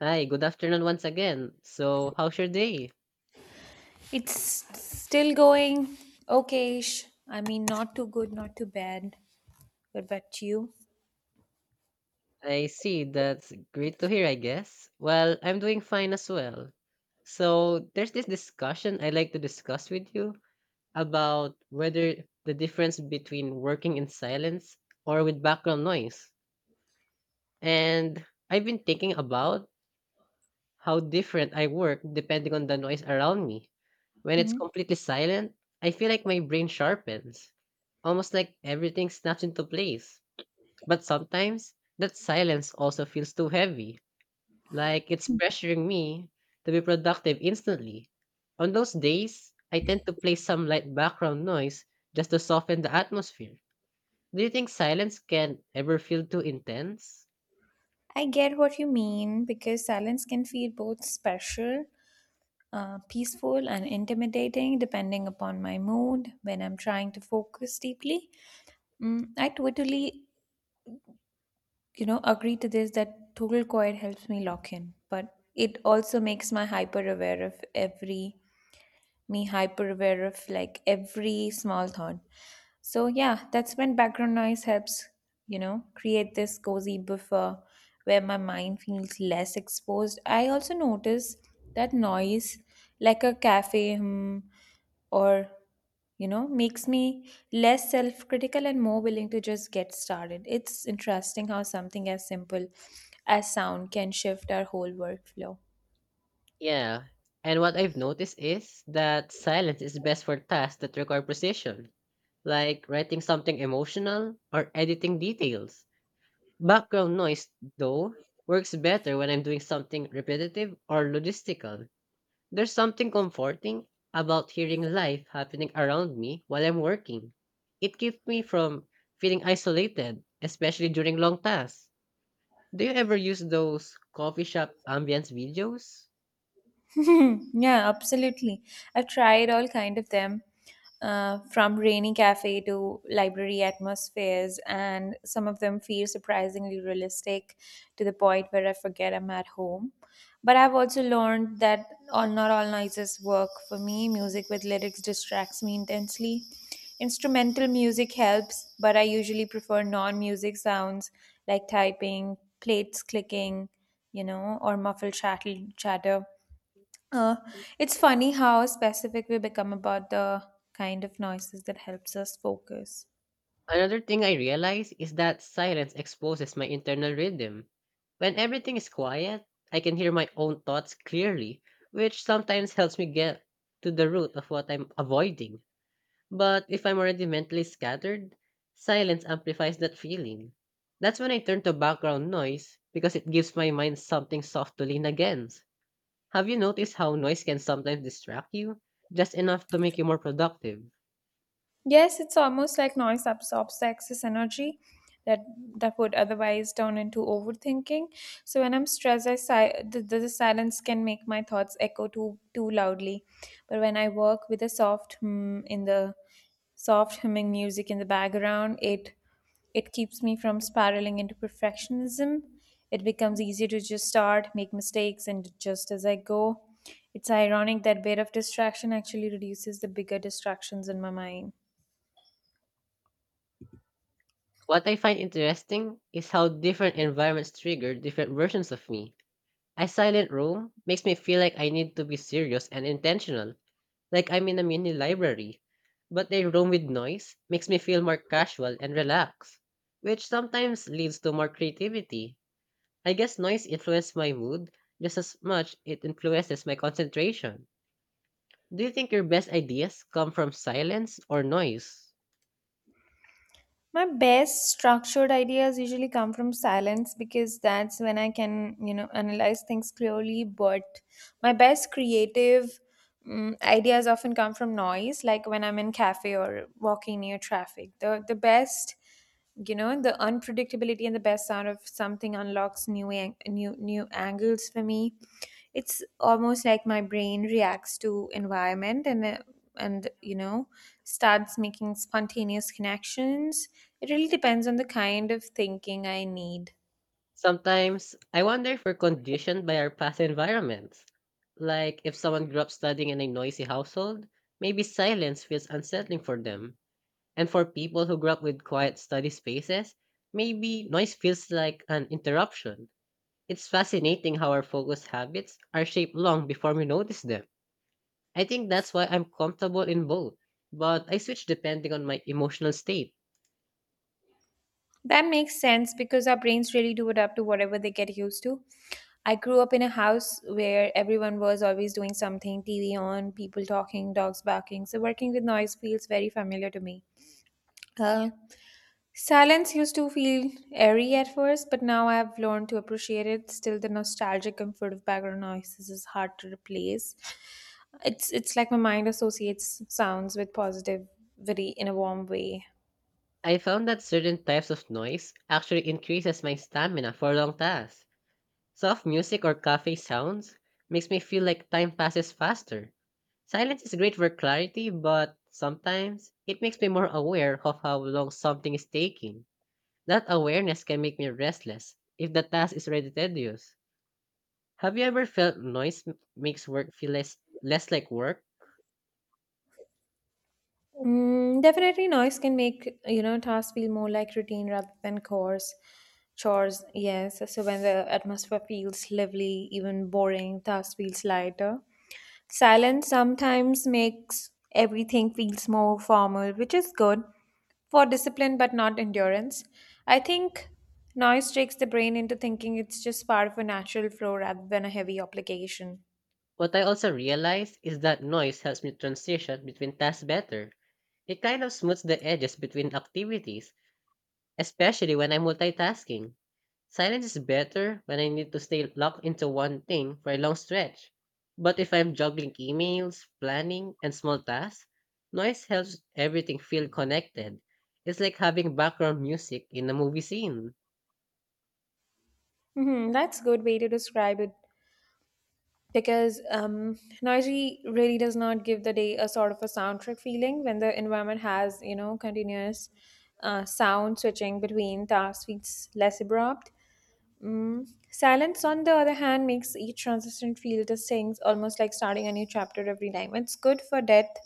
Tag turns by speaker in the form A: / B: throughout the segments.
A: Hi, good afternoon once again. So, how's your day?
B: It's still going okayish. I mean, not too good, not too bad. What about you?
A: I see. That's great to hear, I guess. Well, I'm doing fine as well. So, there's this discussion I'd like to discuss with you about whether the difference between working in silence or with background noise. And I've been thinking about how different I work depending on the noise around me. When it's
B: Hmm.
A: completely silent, I feel like my brain sharpens, almost like everything snaps into place. But sometimes that silence also feels too heavy, like it's pressuring me to be productive instantly. On those days, I tend to play some light background noise just to soften the atmosphere. Do you think silence can ever feel too intense?
B: I get what you mean because silence can feel both special, peaceful, and intimidating depending upon my mood when I'm trying to focus deeply. Mm, I totally, agree to this that total quiet helps me lock in, but it also makes my hyper aware of every me hyper aware of like every small thought. So yeah, that's when background noise helps, create this cozy buffer where my mind feels less exposed. I also notice that noise, like a cafe hum or makes me less self critical and more willing to just get started. It's interesting how something as simple as sound can shift our whole workflow.
A: Yeah. And what I've noticed is that silence is best for tasks that require precision, like writing something emotional or editing details. Background noise, though, works better when I'm doing something repetitive or logistical. There's something comforting about hearing life happening around me while I'm working. It keeps me from feeling isolated, especially during long tasks. Do you ever use those coffee shop ambience videos?
B: Yeah, absolutely. I've tried all kind of them, from rainy cafe to library atmospheres, and some of them feel surprisingly realistic to the point where I forget I'm at home. But I've also learned that all not all noises work for me. Music with lyrics distracts me intensely. Instrumental music helps, but I usually prefer non-music sounds like typing, plates clicking, or muffled chattel chatter. uh, it's funny how specific we become about the kind of noises that helps us focus.
A: Another thing I realize is that silence exposes my internal rhythm. When everything is quiet, I can hear my own thoughts clearly, which sometimes helps me get to the root of what I'm avoiding. But if I'm already mentally scattered, silence amplifies that feeling. That's when I turn to background noise because it gives my mind something soft to lean against. Have you noticed how noise can sometimes distract you? Just enough to make you more productive.
B: Yes, it's almost like noise absorbs the excess energy that that would otherwise turn into overthinking. So when I'm stressed, the silence can make my thoughts echo too loudly. But when I work with a soft humming music in the background, it keeps me from spiraling into perfectionism. It becomes easier to just start, make mistakes, and adjust as I go. It's ironic that bit of distraction actually reduces the bigger distractions in my mind.
A: What I find interesting is how different environments trigger different versions of me. A silent room makes me feel like I need to be serious and intentional, like I'm in a mini library. But a room with noise makes me feel more casual and relaxed, which sometimes leads to more creativity. I guess noise influences my mood just as much it influences my concentration. Do you think your best ideas come from silence or noise?
B: My best structured ideas usually come from silence because that's when I can, you know, analyze things clearly. But my best creative ideas often come from noise, like when I'm in cafe or walking near traffic. The best, the unpredictability and the best sound of something unlocks new angles for me. It's almost like my brain reacts to environment and you know, starts making spontaneous connections. It really depends on the kind of thinking I need.
A: Sometimes, I wonder if we're conditioned by our past environments. Like, if someone grew up studying in a noisy household, maybe silence feels unsettling for them. And for people who grew up with quiet study spaces, maybe noise feels like an interruption. It's fascinating how our focus habits are shaped long before we notice them. I think that's why I'm comfortable in both, but I switch depending on my emotional state.
B: That makes sense because our brains really do adapt to whatever they get used to. I grew up in a house where everyone was always doing something, TV on, people talking, dogs barking, so working with noise feels very familiar to me. uh, Silence used to feel airy at first, but now I have learned to appreciate it. Still, the nostalgic comfort of background noises is hard to replace. It's like my mind associates sounds with positivity in a warm way.
A: I found that certain types of noise actually increases my stamina for long tasks. Soft music or cafe sounds makes me feel like time passes faster. Silence is great for clarity, but sometimes it makes me more aware of how long something is taking. That awareness can make me restless if the task is already tedious. Have you ever felt noise makes work feel less like work?
B: Mm, definitely, noise can make, you know, tasks feel more like routine rather than chores. Chores, yes. So when the atmosphere feels lively, even boring, tasks feels lighter. Silence sometimes makes everything feels more formal, which is good for discipline but not endurance. I think noise tricks the brain into thinking it's just part of a natural flow rather than a heavy obligation.
A: What I also realize is that noise helps me transition between tasks better. It kind of smooths the edges between activities, especially when I'm multitasking. Silence is better when I need to stay locked into one thing for a long stretch. But if I'm juggling emails, planning, and small tasks, noise helps everything feel connected. It's like having background music in a movie scene.
B: Hmm, that's good way to describe it because noisy really does not give the day a sort of a soundtrack feeling. When the environment has, you know, continuous sound, switching between tasks feels less abrupt. Mm. Silence, on the other hand, makes each transition feel distinct, almost like starting a new chapter every time. It's good for depth,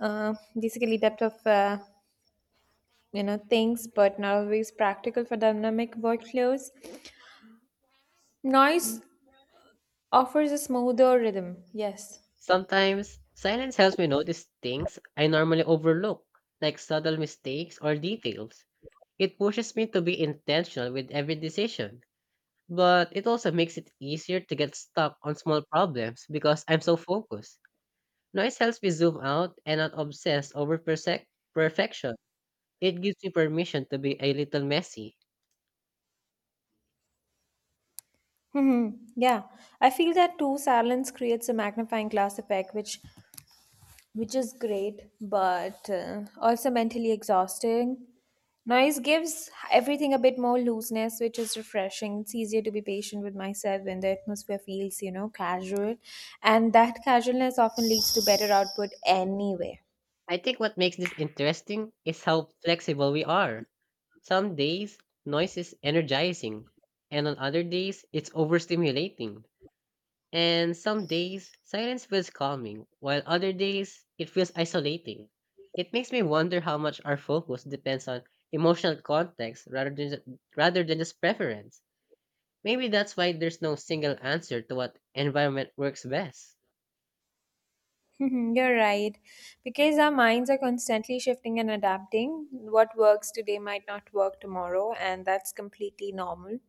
B: uh, basically depth of you know things, but not always practical for dynamic workflows. Noise offers a smoother rhythm. Yes.
A: Sometimes, silence helps me notice things I normally overlook, like subtle mistakes or details. It pushes me to be intentional with every decision, but it also makes it easier to get stuck on small problems because I'm so focused. Noise helps me zoom out and not obsess over perfection. It gives me permission to be a little messy.
B: Mhm. Yeah, I feel that too. Silence creates a magnifying glass effect, which is great, but also mentally exhausting. Noise gives everything a bit more looseness, which is refreshing. It's easier to be patient with myself when the atmosphere feels, you know, casual. And that casualness often leads to better output anyway.
A: I think what makes this interesting is how flexible we are. Some days, noise is energizing, and on other days, it's overstimulating. And some days, silence feels calming, while other days, it feels isolating. It makes me wonder how much our focus depends on emotional context rather than just preference. Maybe that's why there's no single answer to what environment works best.
B: You're right. Because our minds are constantly shifting and adapting, what works today might not work tomorrow, and that's completely normal.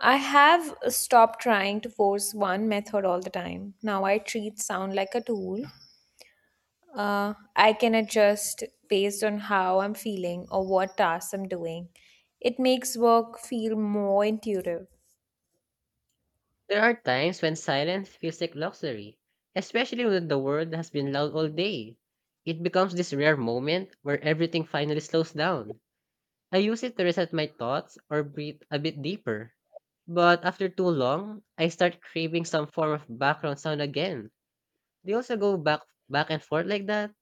B: I have stopped trying to force one method all the time. Now I treat sound like a tool. I can adjust based on how I'm feeling or what tasks I'm doing. It makes work feel more intuitive.
A: There are times when silence feels like luxury, especially when the world has been loud all day. It becomes this rare moment where everything finally slows down. I use it to reset my thoughts or breathe a bit deeper. But after too long, I start craving some form of background sound again. They also go back and forth like that.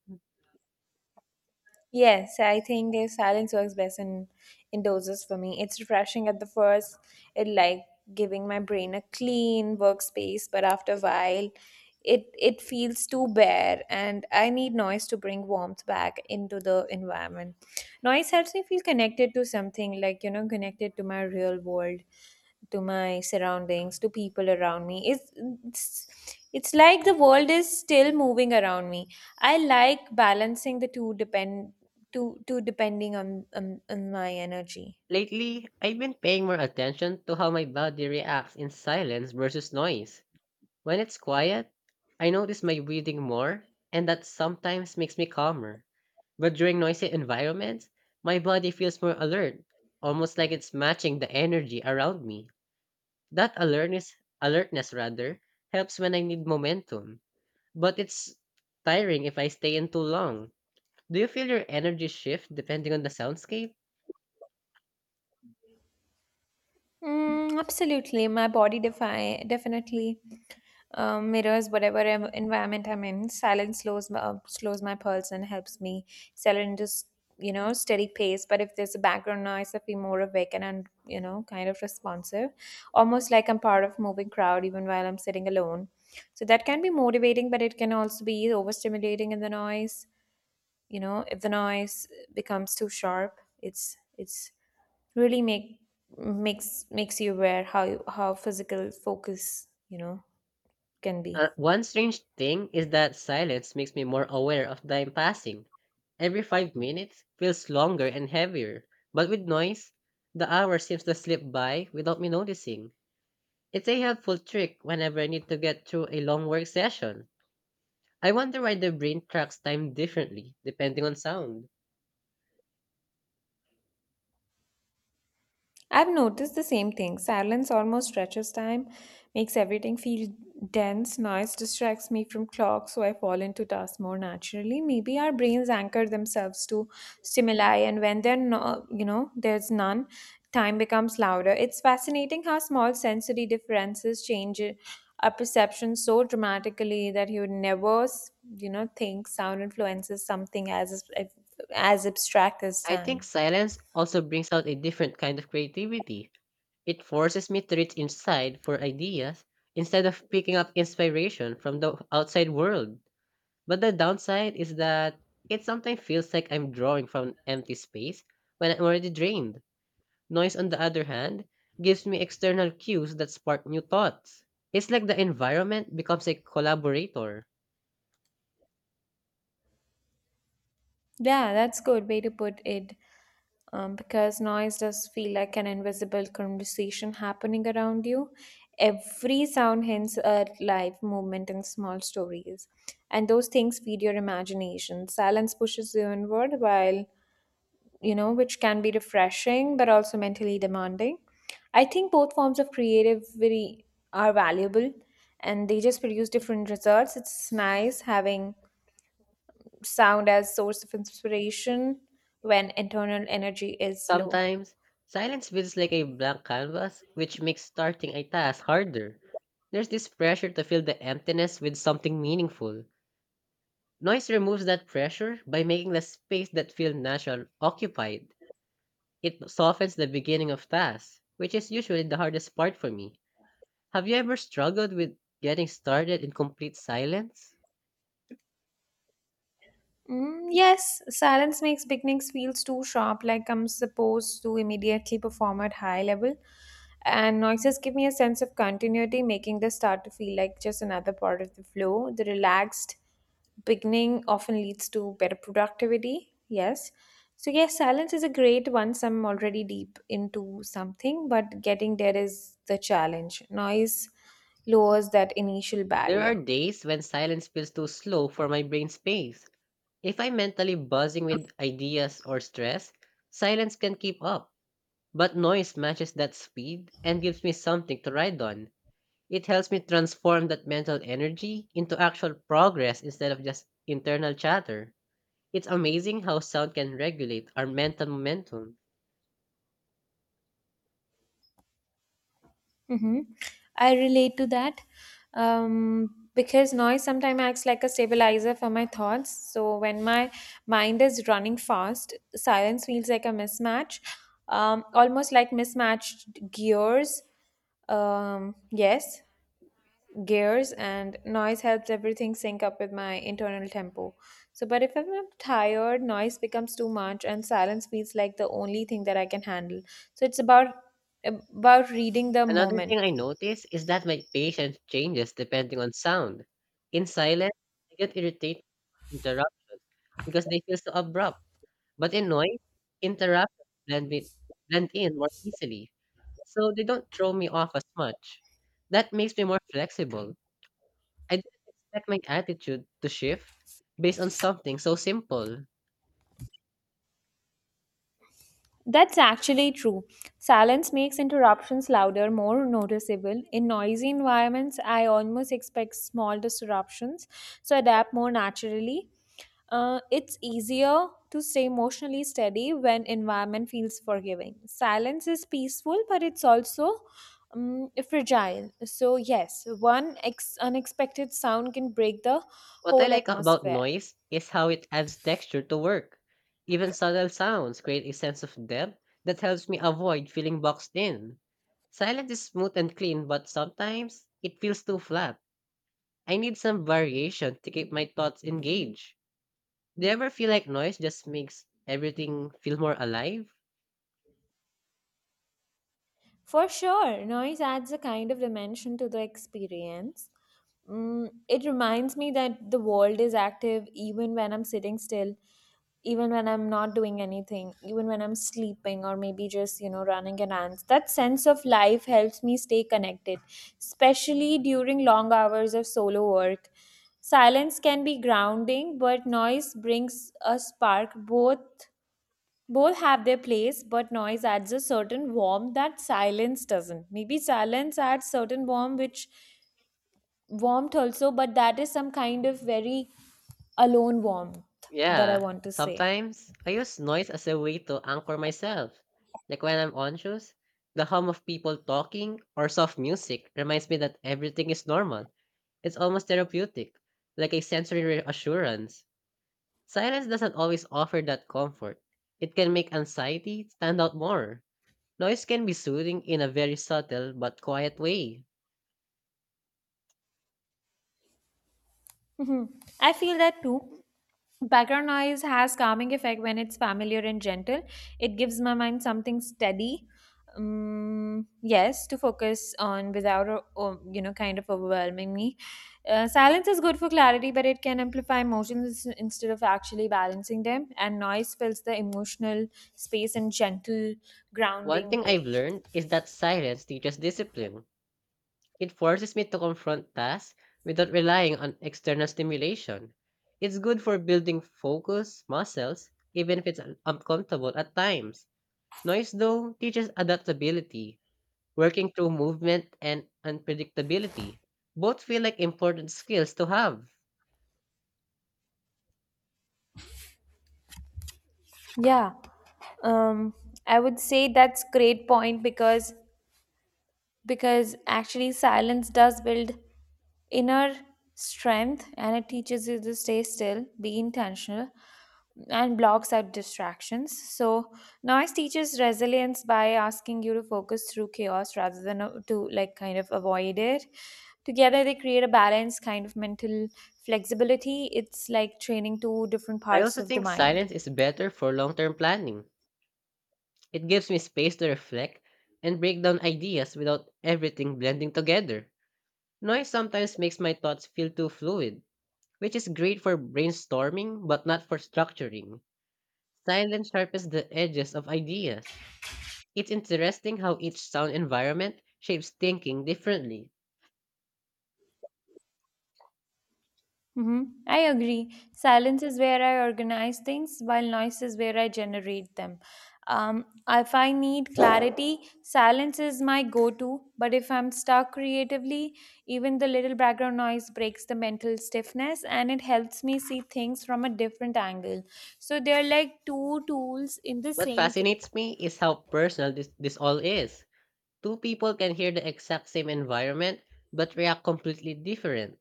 B: Yes, I think silence works best in indoors for me. It's refreshing at the first. It like giving my brain a clean workspace, but after a while, it feels too bare, and I need noise to bring warmth back into the environment. Noise helps me feel connected to something, like, you know, connected to my real world, to my surroundings, to people around it's like the world is still moving around me. I like balancing the two depend two depending on my energy.
A: Lately, I've been paying more attention to how my body reacts in silence versus noise. When it's quiet, I notice my breathing more, and that sometimes makes me calmer. But during noisy environments, my body feels more alert, almost like it's matching the energy around me. That alertness, helps when I need momentum. But it's tiring if I stay in too long. Do you feel your energy shift depending on the soundscape?
B: Mm, absolutely, my body definitely mirrors whatever environment I'm in. Silence slows slows my pulse and helps me settle into s- you know, steady pace. But if there's a background noise, I feel more awake and you know, kind of responsive, almost like I'm part of moving crowd even while I'm sitting alone. So that can be motivating, but it can also be overstimulating in the noise. You know, if the noise becomes too sharp, it's really makes you aware how physical focus, you know, can
A: Uh,
B: be.
A: one strange thing is that silence makes me more aware of time passing. Every 5 minutes feels longer and heavier, but with noise, the hour seems to slip by without me noticing. It's a helpful trick whenever I need to get through a long work session. I wonder why the brain tracks time differently depending on sound.
B: I've noticed the same thing. Silence almost stretches time, makes everything feel dense. Noise distracts me from clocks, so I fall into tasks more naturally. Maybe our brains anchor themselves to stimuli, and when they're no, you know, there's none, time becomes louder. It's fascinating how small sensory differences change our perception so dramatically that you would never, you know, think sound influences something as abstract as
A: I think
B: time.
A: silence also brings out a different kind of creativity. It forces me to reach inside for ideas instead of picking up inspiration from the outside world. But the downside is that it sometimes feels like I'm drawing from an empty space when I'm already drained. Noise, on the other hand, gives me external cues that spark new thoughts. It's like the environment becomes a collaborator.
B: Yeah, that's good way to put it. Because noise does feel like an invisible conversation happening around you. Every sound hints at life, movement, and small stories. And those things feed your imagination. Silence pushes you inward, while, you know, which can be refreshing but also mentally demanding. I think both forms of creativity are valuable and they just produce different results. It's nice having sound as source of inspiration when internal energy is low.
A: Sometimes, silence feels like a blank canvas, which makes starting a task harder. There's this pressure to fill the emptiness with something meaningful. Noise removes that pressure by making the space that feels natural occupied. It softens the beginning of tasks, which is usually the hardest part for me. Have you ever struggled with getting started in complete silence?
B: Mm, yes, silence makes beginnings feels too sharp, like I'm supposed to immediately perform at high level. And noises give me a sense of continuity, making the start to feel like just another part of the flow. The relaxed beginning often leads to better productivity. Yes. So yes, silence is a great once I'm already deep into something, but getting there is the challenge. Noise lowers that initial
A: There are
B: barrier.
A: days when silence feels too slow for my brain space. If I'm mentally buzzing with ideas or stress, silence can keep up. But noise matches that speed and gives me something to ride on. It helps me transform that mental energy into actual progress instead of just internal chatter. It's amazing how sound can regulate our mental momentum.
B: Mm-hmm. I relate to that, because noise sometimes acts like a stabilizer for my thoughts. So when my mind is running fast, silence feels like a mismatch, almost like mismatched gears. Yes, gears and noise helps everything sync up with my internal tempo. So, but if I'm tired, noise becomes too much, and silence feels like the only thing that I can handle. So it's about reading the
A: Another thing
B: moment.
A: I notice is that my patience changes depending on sound. In silence, I get irritated with interruptions because they feel so abrupt. But in noise, interruptions blend, with, blend in more easily, so they don't throw me off as much. That makes me more flexible. I didn't expect my attitude to shift based on something so simple.
B: That's actually true. Silence makes interruptions louder, more noticeable. In noisy environments, I almost expect small disruptions, so adapt more naturally. It's easier to stay emotionally steady when environment feels forgiving. Silence is peaceful, but it's also fragile. So yes, one unexpected sound can break the
A: What I
B: whole
A: like about
B: atmosphere.
A: noise is how it adds texture to work. Even subtle sounds create a sense of depth that helps me avoid feeling boxed in. Silence is smooth and clean, but sometimes it feels too flat. I need some variation to keep my thoughts engaged. Do you ever feel like noise just makes everything feel more alive?
B: For sure, noise adds a kind of dimension to the experience. Mm, it reminds me that the world is active even when I'm sitting still, even when I'm not doing anything, even when I'm sleeping or maybe just, you know, running errands. That sense of life helps me stay connected, especially during long hours of solo work. Silence can be grounding, but noise brings a spark. Both have their place, but noise adds a certain warmth that silence doesn't. Maybe silence adds certain warmth, which warmth also, but that is some kind of very alone warmth that I
A: Yeah,
B: want to say.
A: sometimes I use noise as a way to anchor myself. Like when I'm anxious, the hum of people talking or soft music reminds me that everything is normal. It's almost therapeutic, like a sensory reassurance. Silence doesn't always offer that comfort. It can make anxiety stand out more. Noise can be soothing in a very subtle but quiet way.
B: Mhm. I feel that too. Background noise has calming effect when it's familiar and gentle. It gives my mind something steady, yes, to focus on without, you know, kind of overwhelming me. Silence is good for clarity, but it can amplify emotions instead of actually balancing them. And noise fills the emotional space in gentle,
A: One
B: grounding
A: thing I've
B: way.
A: learned is that silence teaches discipline. It forces me to confront tasks without relying on external stimulation. It's good for building focus muscles, even if it's uncomfortable at times. Noise, though, teaches adaptability, working through movement and unpredictability. Both feel like important skills to have.
B: Yeah, um, I would say that's great point because actually silence does build inner strength and it teaches you to stay still, be intentional, and blocks out distractions. So, noise teaches resilience by asking you to focus through chaos rather than, to like kind of avoid it. Together, they create a balanced kind of mental flexibility. It's like training two different
A: I
B: parts
A: also
B: of the
A: think
B: mind.
A: silence is better for long term planning. It gives me space to reflect and break down ideas without everything blending together. Noise sometimes makes my thoughts feel too fluid which is great for brainstorming but not for structuring. Silence sharpens the edges of ideas. It's interesting how each sound environment shapes thinking differently.
B: Hmm. I agree. Silence is where I organize things, while noise is where I generate them. If I need clarity, silence is my go to. But if I'm stuck creatively, even the little background noise breaks the mental stiffness and it helps me see things from a different angle. So they're like two tools in the
A: What
B: same kit.
A: fascinates me is how personal this all is. Two people can hear the exact same environment but react completely different.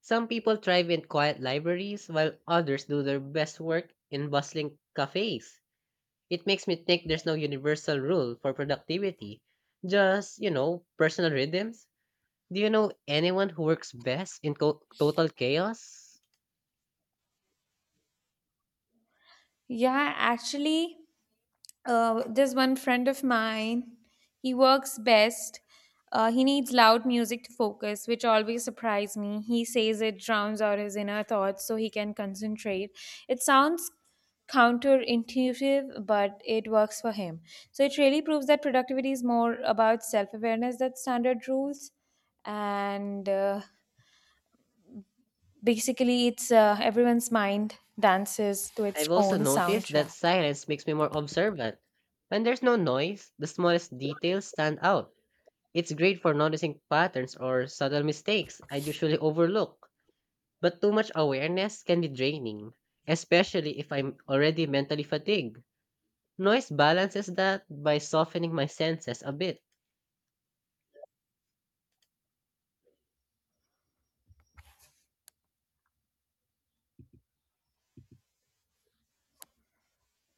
A: Some people thrive in quiet libraries while others do their best work in bustling cafes. It makes me think there's no universal rule for productivity just, you know, personal rhythms. Do you know anyone who works best in total chaos?
B: Yeah, actually. There's one friend of mine. He works best. He needs loud music to focus, which always surprised me. He says it drowns out his inner thoughts so he can concentrate. It sounds counterintuitive, but it works for him. So it really proves that productivity is more about self awareness than standard rules. And Basically, it's everyone's mind dances to its
A: I've also
B: own
A: noticed that
B: soundtrack.
A: silence makes me more observant. When there's no noise, the smallest details stand out. It's great for noticing patterns or subtle mistakes I usually overlook, but too much awareness can be draining, especially if I'm already mentally fatigued. Noise balances that by softening my senses a bit.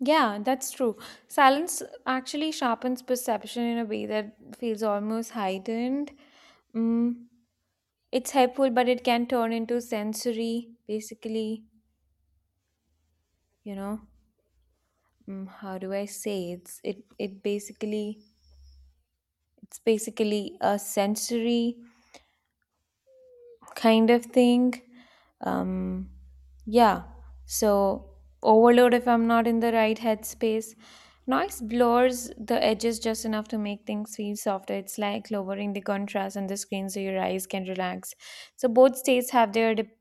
B: Yeah, that's true. Silence actually sharpens perception in a way that feels almost heightened. Mm, it's helpful, but it can turn into sensory, basically, you know. Mm, how do I say it's it it basically It's basically a sensory kind of thing. Um Yeah, so overload if I'm not in the right headspace. Noise blurs the edges just enough to make things feel softer. It's like lowering the contrast on the screen so your eyes can relax. So both states have their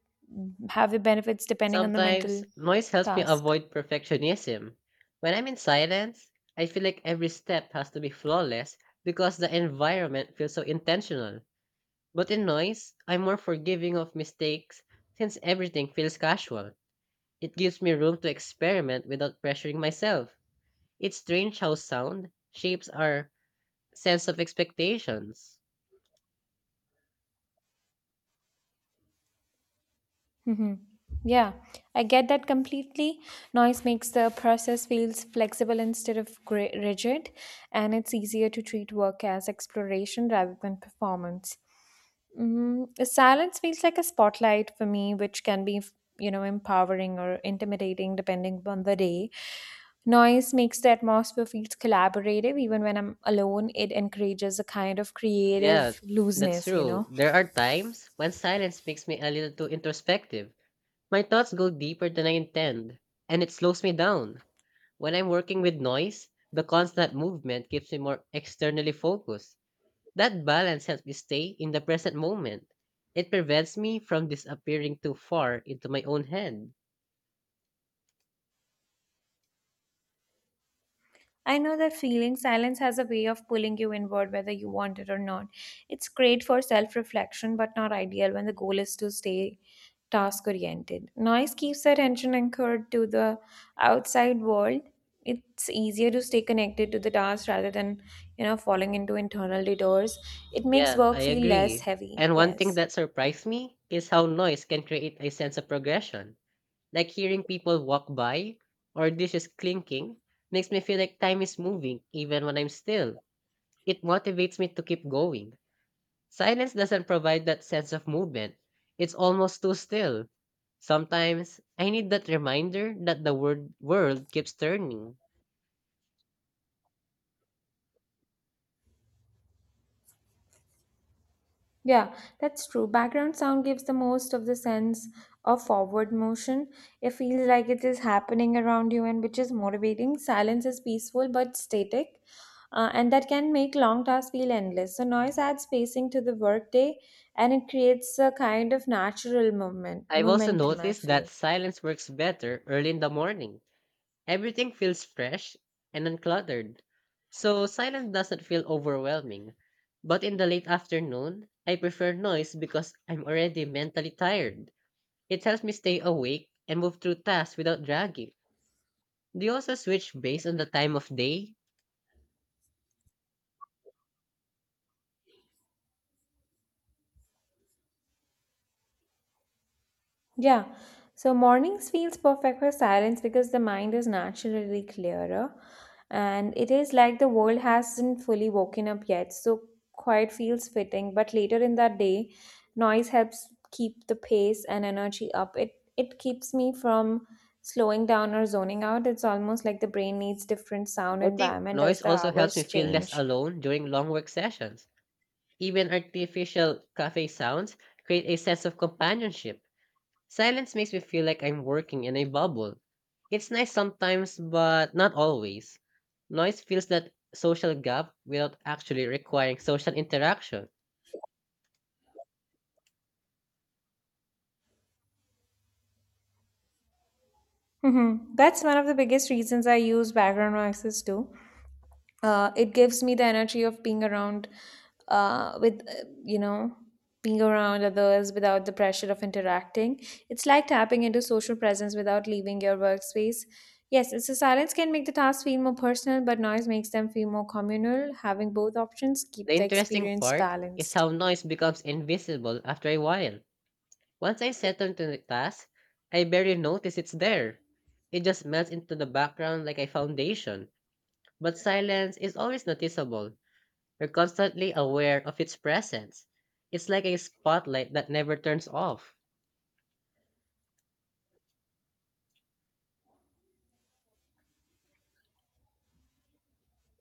B: have their benefits depending on the mental
A: Sometimes noise helps me
B: task.
A: avoid perfectionism. When I'm in silence, I feel like every step has to be flawless because the environment feels so intentional. But in noise, I'm more forgiving of mistakes since everything feels casual. It gives me room to experiment without pressuring myself. It's strange how sound shapes our sense of expectations.
B: Hmm. Yeah, I get that completely. Noise makes the process feels flexible instead of rigid, and it's easier to treat work as exploration rather than performance. Mm, silence feels like a spotlight for me, which can be empowering or intimidating depending on the day. Noise makes the atmosphere feels collaborative. Even when I'm alone, it encourages a kind of creative
A: Yeah, that's
B: looseness.
A: true. There are times when silence makes me a little too introspective. My thoughts go deeper than I intend, and it slows me down. When I'm working with noise, the constant movement keeps me more externally focused. That balance helps me stay in the present moment. It prevents me from disappearing too far into my own head.
B: I know that feeling silence has a way of pulling you inward whether you want it or not. It's great for self reflection, but not ideal when the goal is to stay task oriented. Noise keeps our attention anchored to the outside world. It's easier to stay connected to the task rather than falling into internal detours. It makes
A: Yeah,
B: work
A: I
B: feel less
A: agree.
B: heavy.
A: And one thing
B: Yes.
A: that surprised me is how noise can create a sense of progression. Like hearing people walk by or dishes clinking makes me feel like time is moving even when I'm still. It motivates me to keep going. Silence doesn't provide that sense of movement. It's almost too still. Sometimes I need that reminder that the word world keeps turning.
B: Yeah, that's true. Background sound gives the most of the sense of forward motion. It feels like it is happening around you and which is motivating. Silence is peaceful but static, and that can make long tasks feel endless. So, noise adds pacing to the workday and it creates a kind of natural moment,
A: I've also
B: momentum, I
A: noticed that
B: feel.
A: silence works better early in the morning. Everything feels fresh and uncluttered. So silence doesn't feel overwhelming. But in the late afternoon, I prefer noise because I'm already mentally tired. It helps me stay awake and move through tasks without dragging. Do you also switch based on the time of day?
B: Yeah. So mornings feels perfect for silence because the mind is naturally clearer and it is like the world hasn't fully woken up yet. So quiet feels fitting, but later in that day, noise helps keep the pace and energy up. It keeps me from slowing down or zoning out. It's almost like the brain needs different sound
A: I think
B: environment as
A: noise
B: the
A: also helps me
B: hours
A: feel less
B: change.
A: alone during long work sessions. Even artificial cafe sounds create a sense of companionship. Silence makes me feel like I'm working in a bubble. It's nice sometimes, but not always. Noise fills that social gap without actually requiring social interaction.
B: Hmm. That's one of the biggest reasons I use background noises too. It gives me the energy of being around, with you know being around others without the pressure of interacting. It's like tapping into social presence without leaving your workspace. Yes, it's a silence can make the tasks feel more personal but noise makes them feel more communal. Having both options keep
A: The
B: the
A: interesting
B: experience
A: part is
B: balanced.
A: how noise becomes invisible after a while. Once I settle into the task, I barely notice it's there. It just melts into the background like a foundation. But silence is always noticeable. You're constantly aware of its presence. It's like a spotlight that never turns off.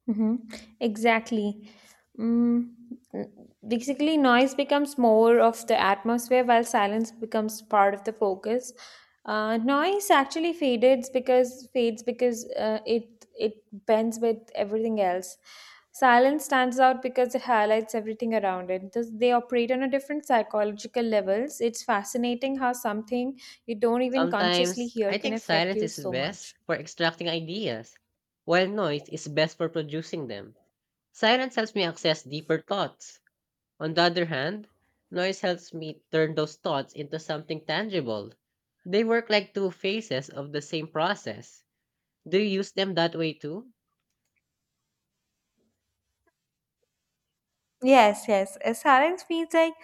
B: Mm-hmm. Exactly. Mm, n- Basically, noise becomes more of the atmosphere while silence becomes part of the focus. Noise actually fades because it bends with everything else. Silence stands out because it highlights everything around it. Thus, they operate on a different psychological levels. It's fascinating how something you don't even consciously
A: Sometimes, I
B: hear can
A: think
B: affect
A: silence
B: you
A: is
B: so
A: best
B: much.
A: for extracting ideas, while noise is best for producing them. Silence helps me access deeper thoughts. On the other hand, noise helps me turn those thoughts into something tangible. They work like two phases of the same process. Do you use them that way too?
B: Yes, yes. Silence feels like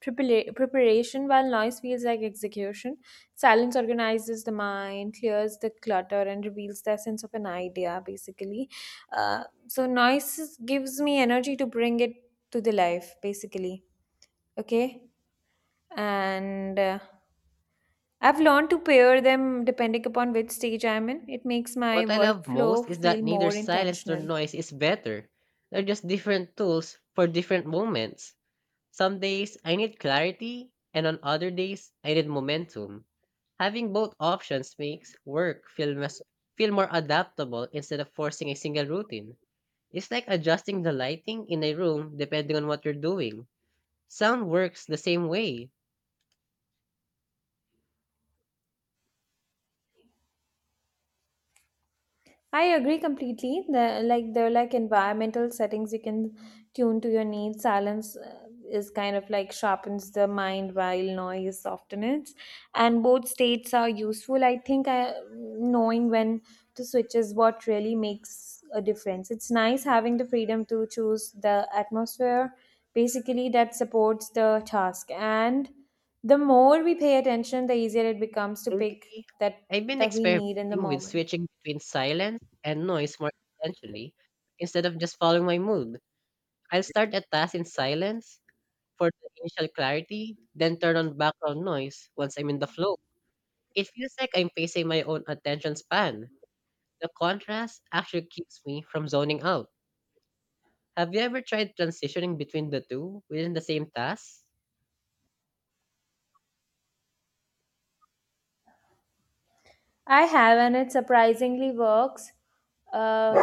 B: preparation, while noise feels like execution. Silence organizes the mind, clears the clutter, and reveals the essence of an idea, basically. So, gives me energy to bring it to the life, basically. Okay? And I've learned to pair them depending upon which stage I'm in. It makes my
A: What I love most
B: workflow
A: is
B: feel
A: that neither
B: more
A: silence nor
B: intentional.
A: noise is better. They're just different tools for different moments. Some days I need clarity, and on other days I need momentum. Having both options makes work feel, feel more adaptable instead of forcing a single routine. It's like adjusting the lighting in a room depending on what you're doing. Sound works the same way.
B: I agree completely. There are like environmental settings you can tune to your needs. Silence is kind of like sharpens the mind while noise softens, and both states are useful. Knowing when to switch is what really makes a difference. It's nice having the freedom to choose the atmosphere, basically that supports the task. And the more we pay attention, the easier it becomes to pick
A: Lately,
B: that
A: I've been
B: that we need in the
A: experimenting with
B: moment.
A: switching between silence and noise more intentionally. Instead of just following my mood, I'll start a task in silence for the initial clarity, then turn on background noise once I'm in the flow. It feels like I'm pacing my own attention span. The contrast actually keeps me from zoning out. Have you ever tried transitioning between the two within the same task?
B: I have, and it surprisingly works uh,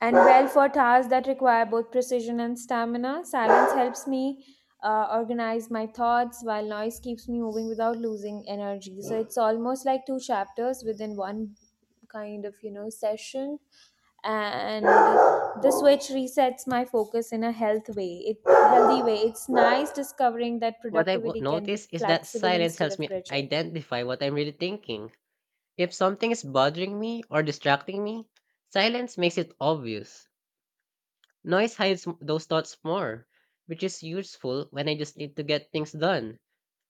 B: and well for tasks that require both precision and stamina. Silence helps me organize my thoughts, while noise keeps me moving without losing energy. So it's almost like two chapters within one kind of session, and the switch resets my focus in a healthy way. It's nice discovering that
A: What I've
B: productivity can be
A: noticed is that
B: flexible
A: silence
B: instead
A: helps
B: of
A: me
B: rigid.
A: identify what I'm really thinking. If something is bothering me or distracting me, silence makes it obvious. Noise hides those thoughts more, which is useful when I just need to get things done.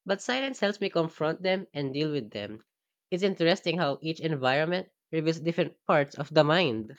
A: But silence helps me confront them and deal with them. It's interesting how each environment reveals different parts of the mind.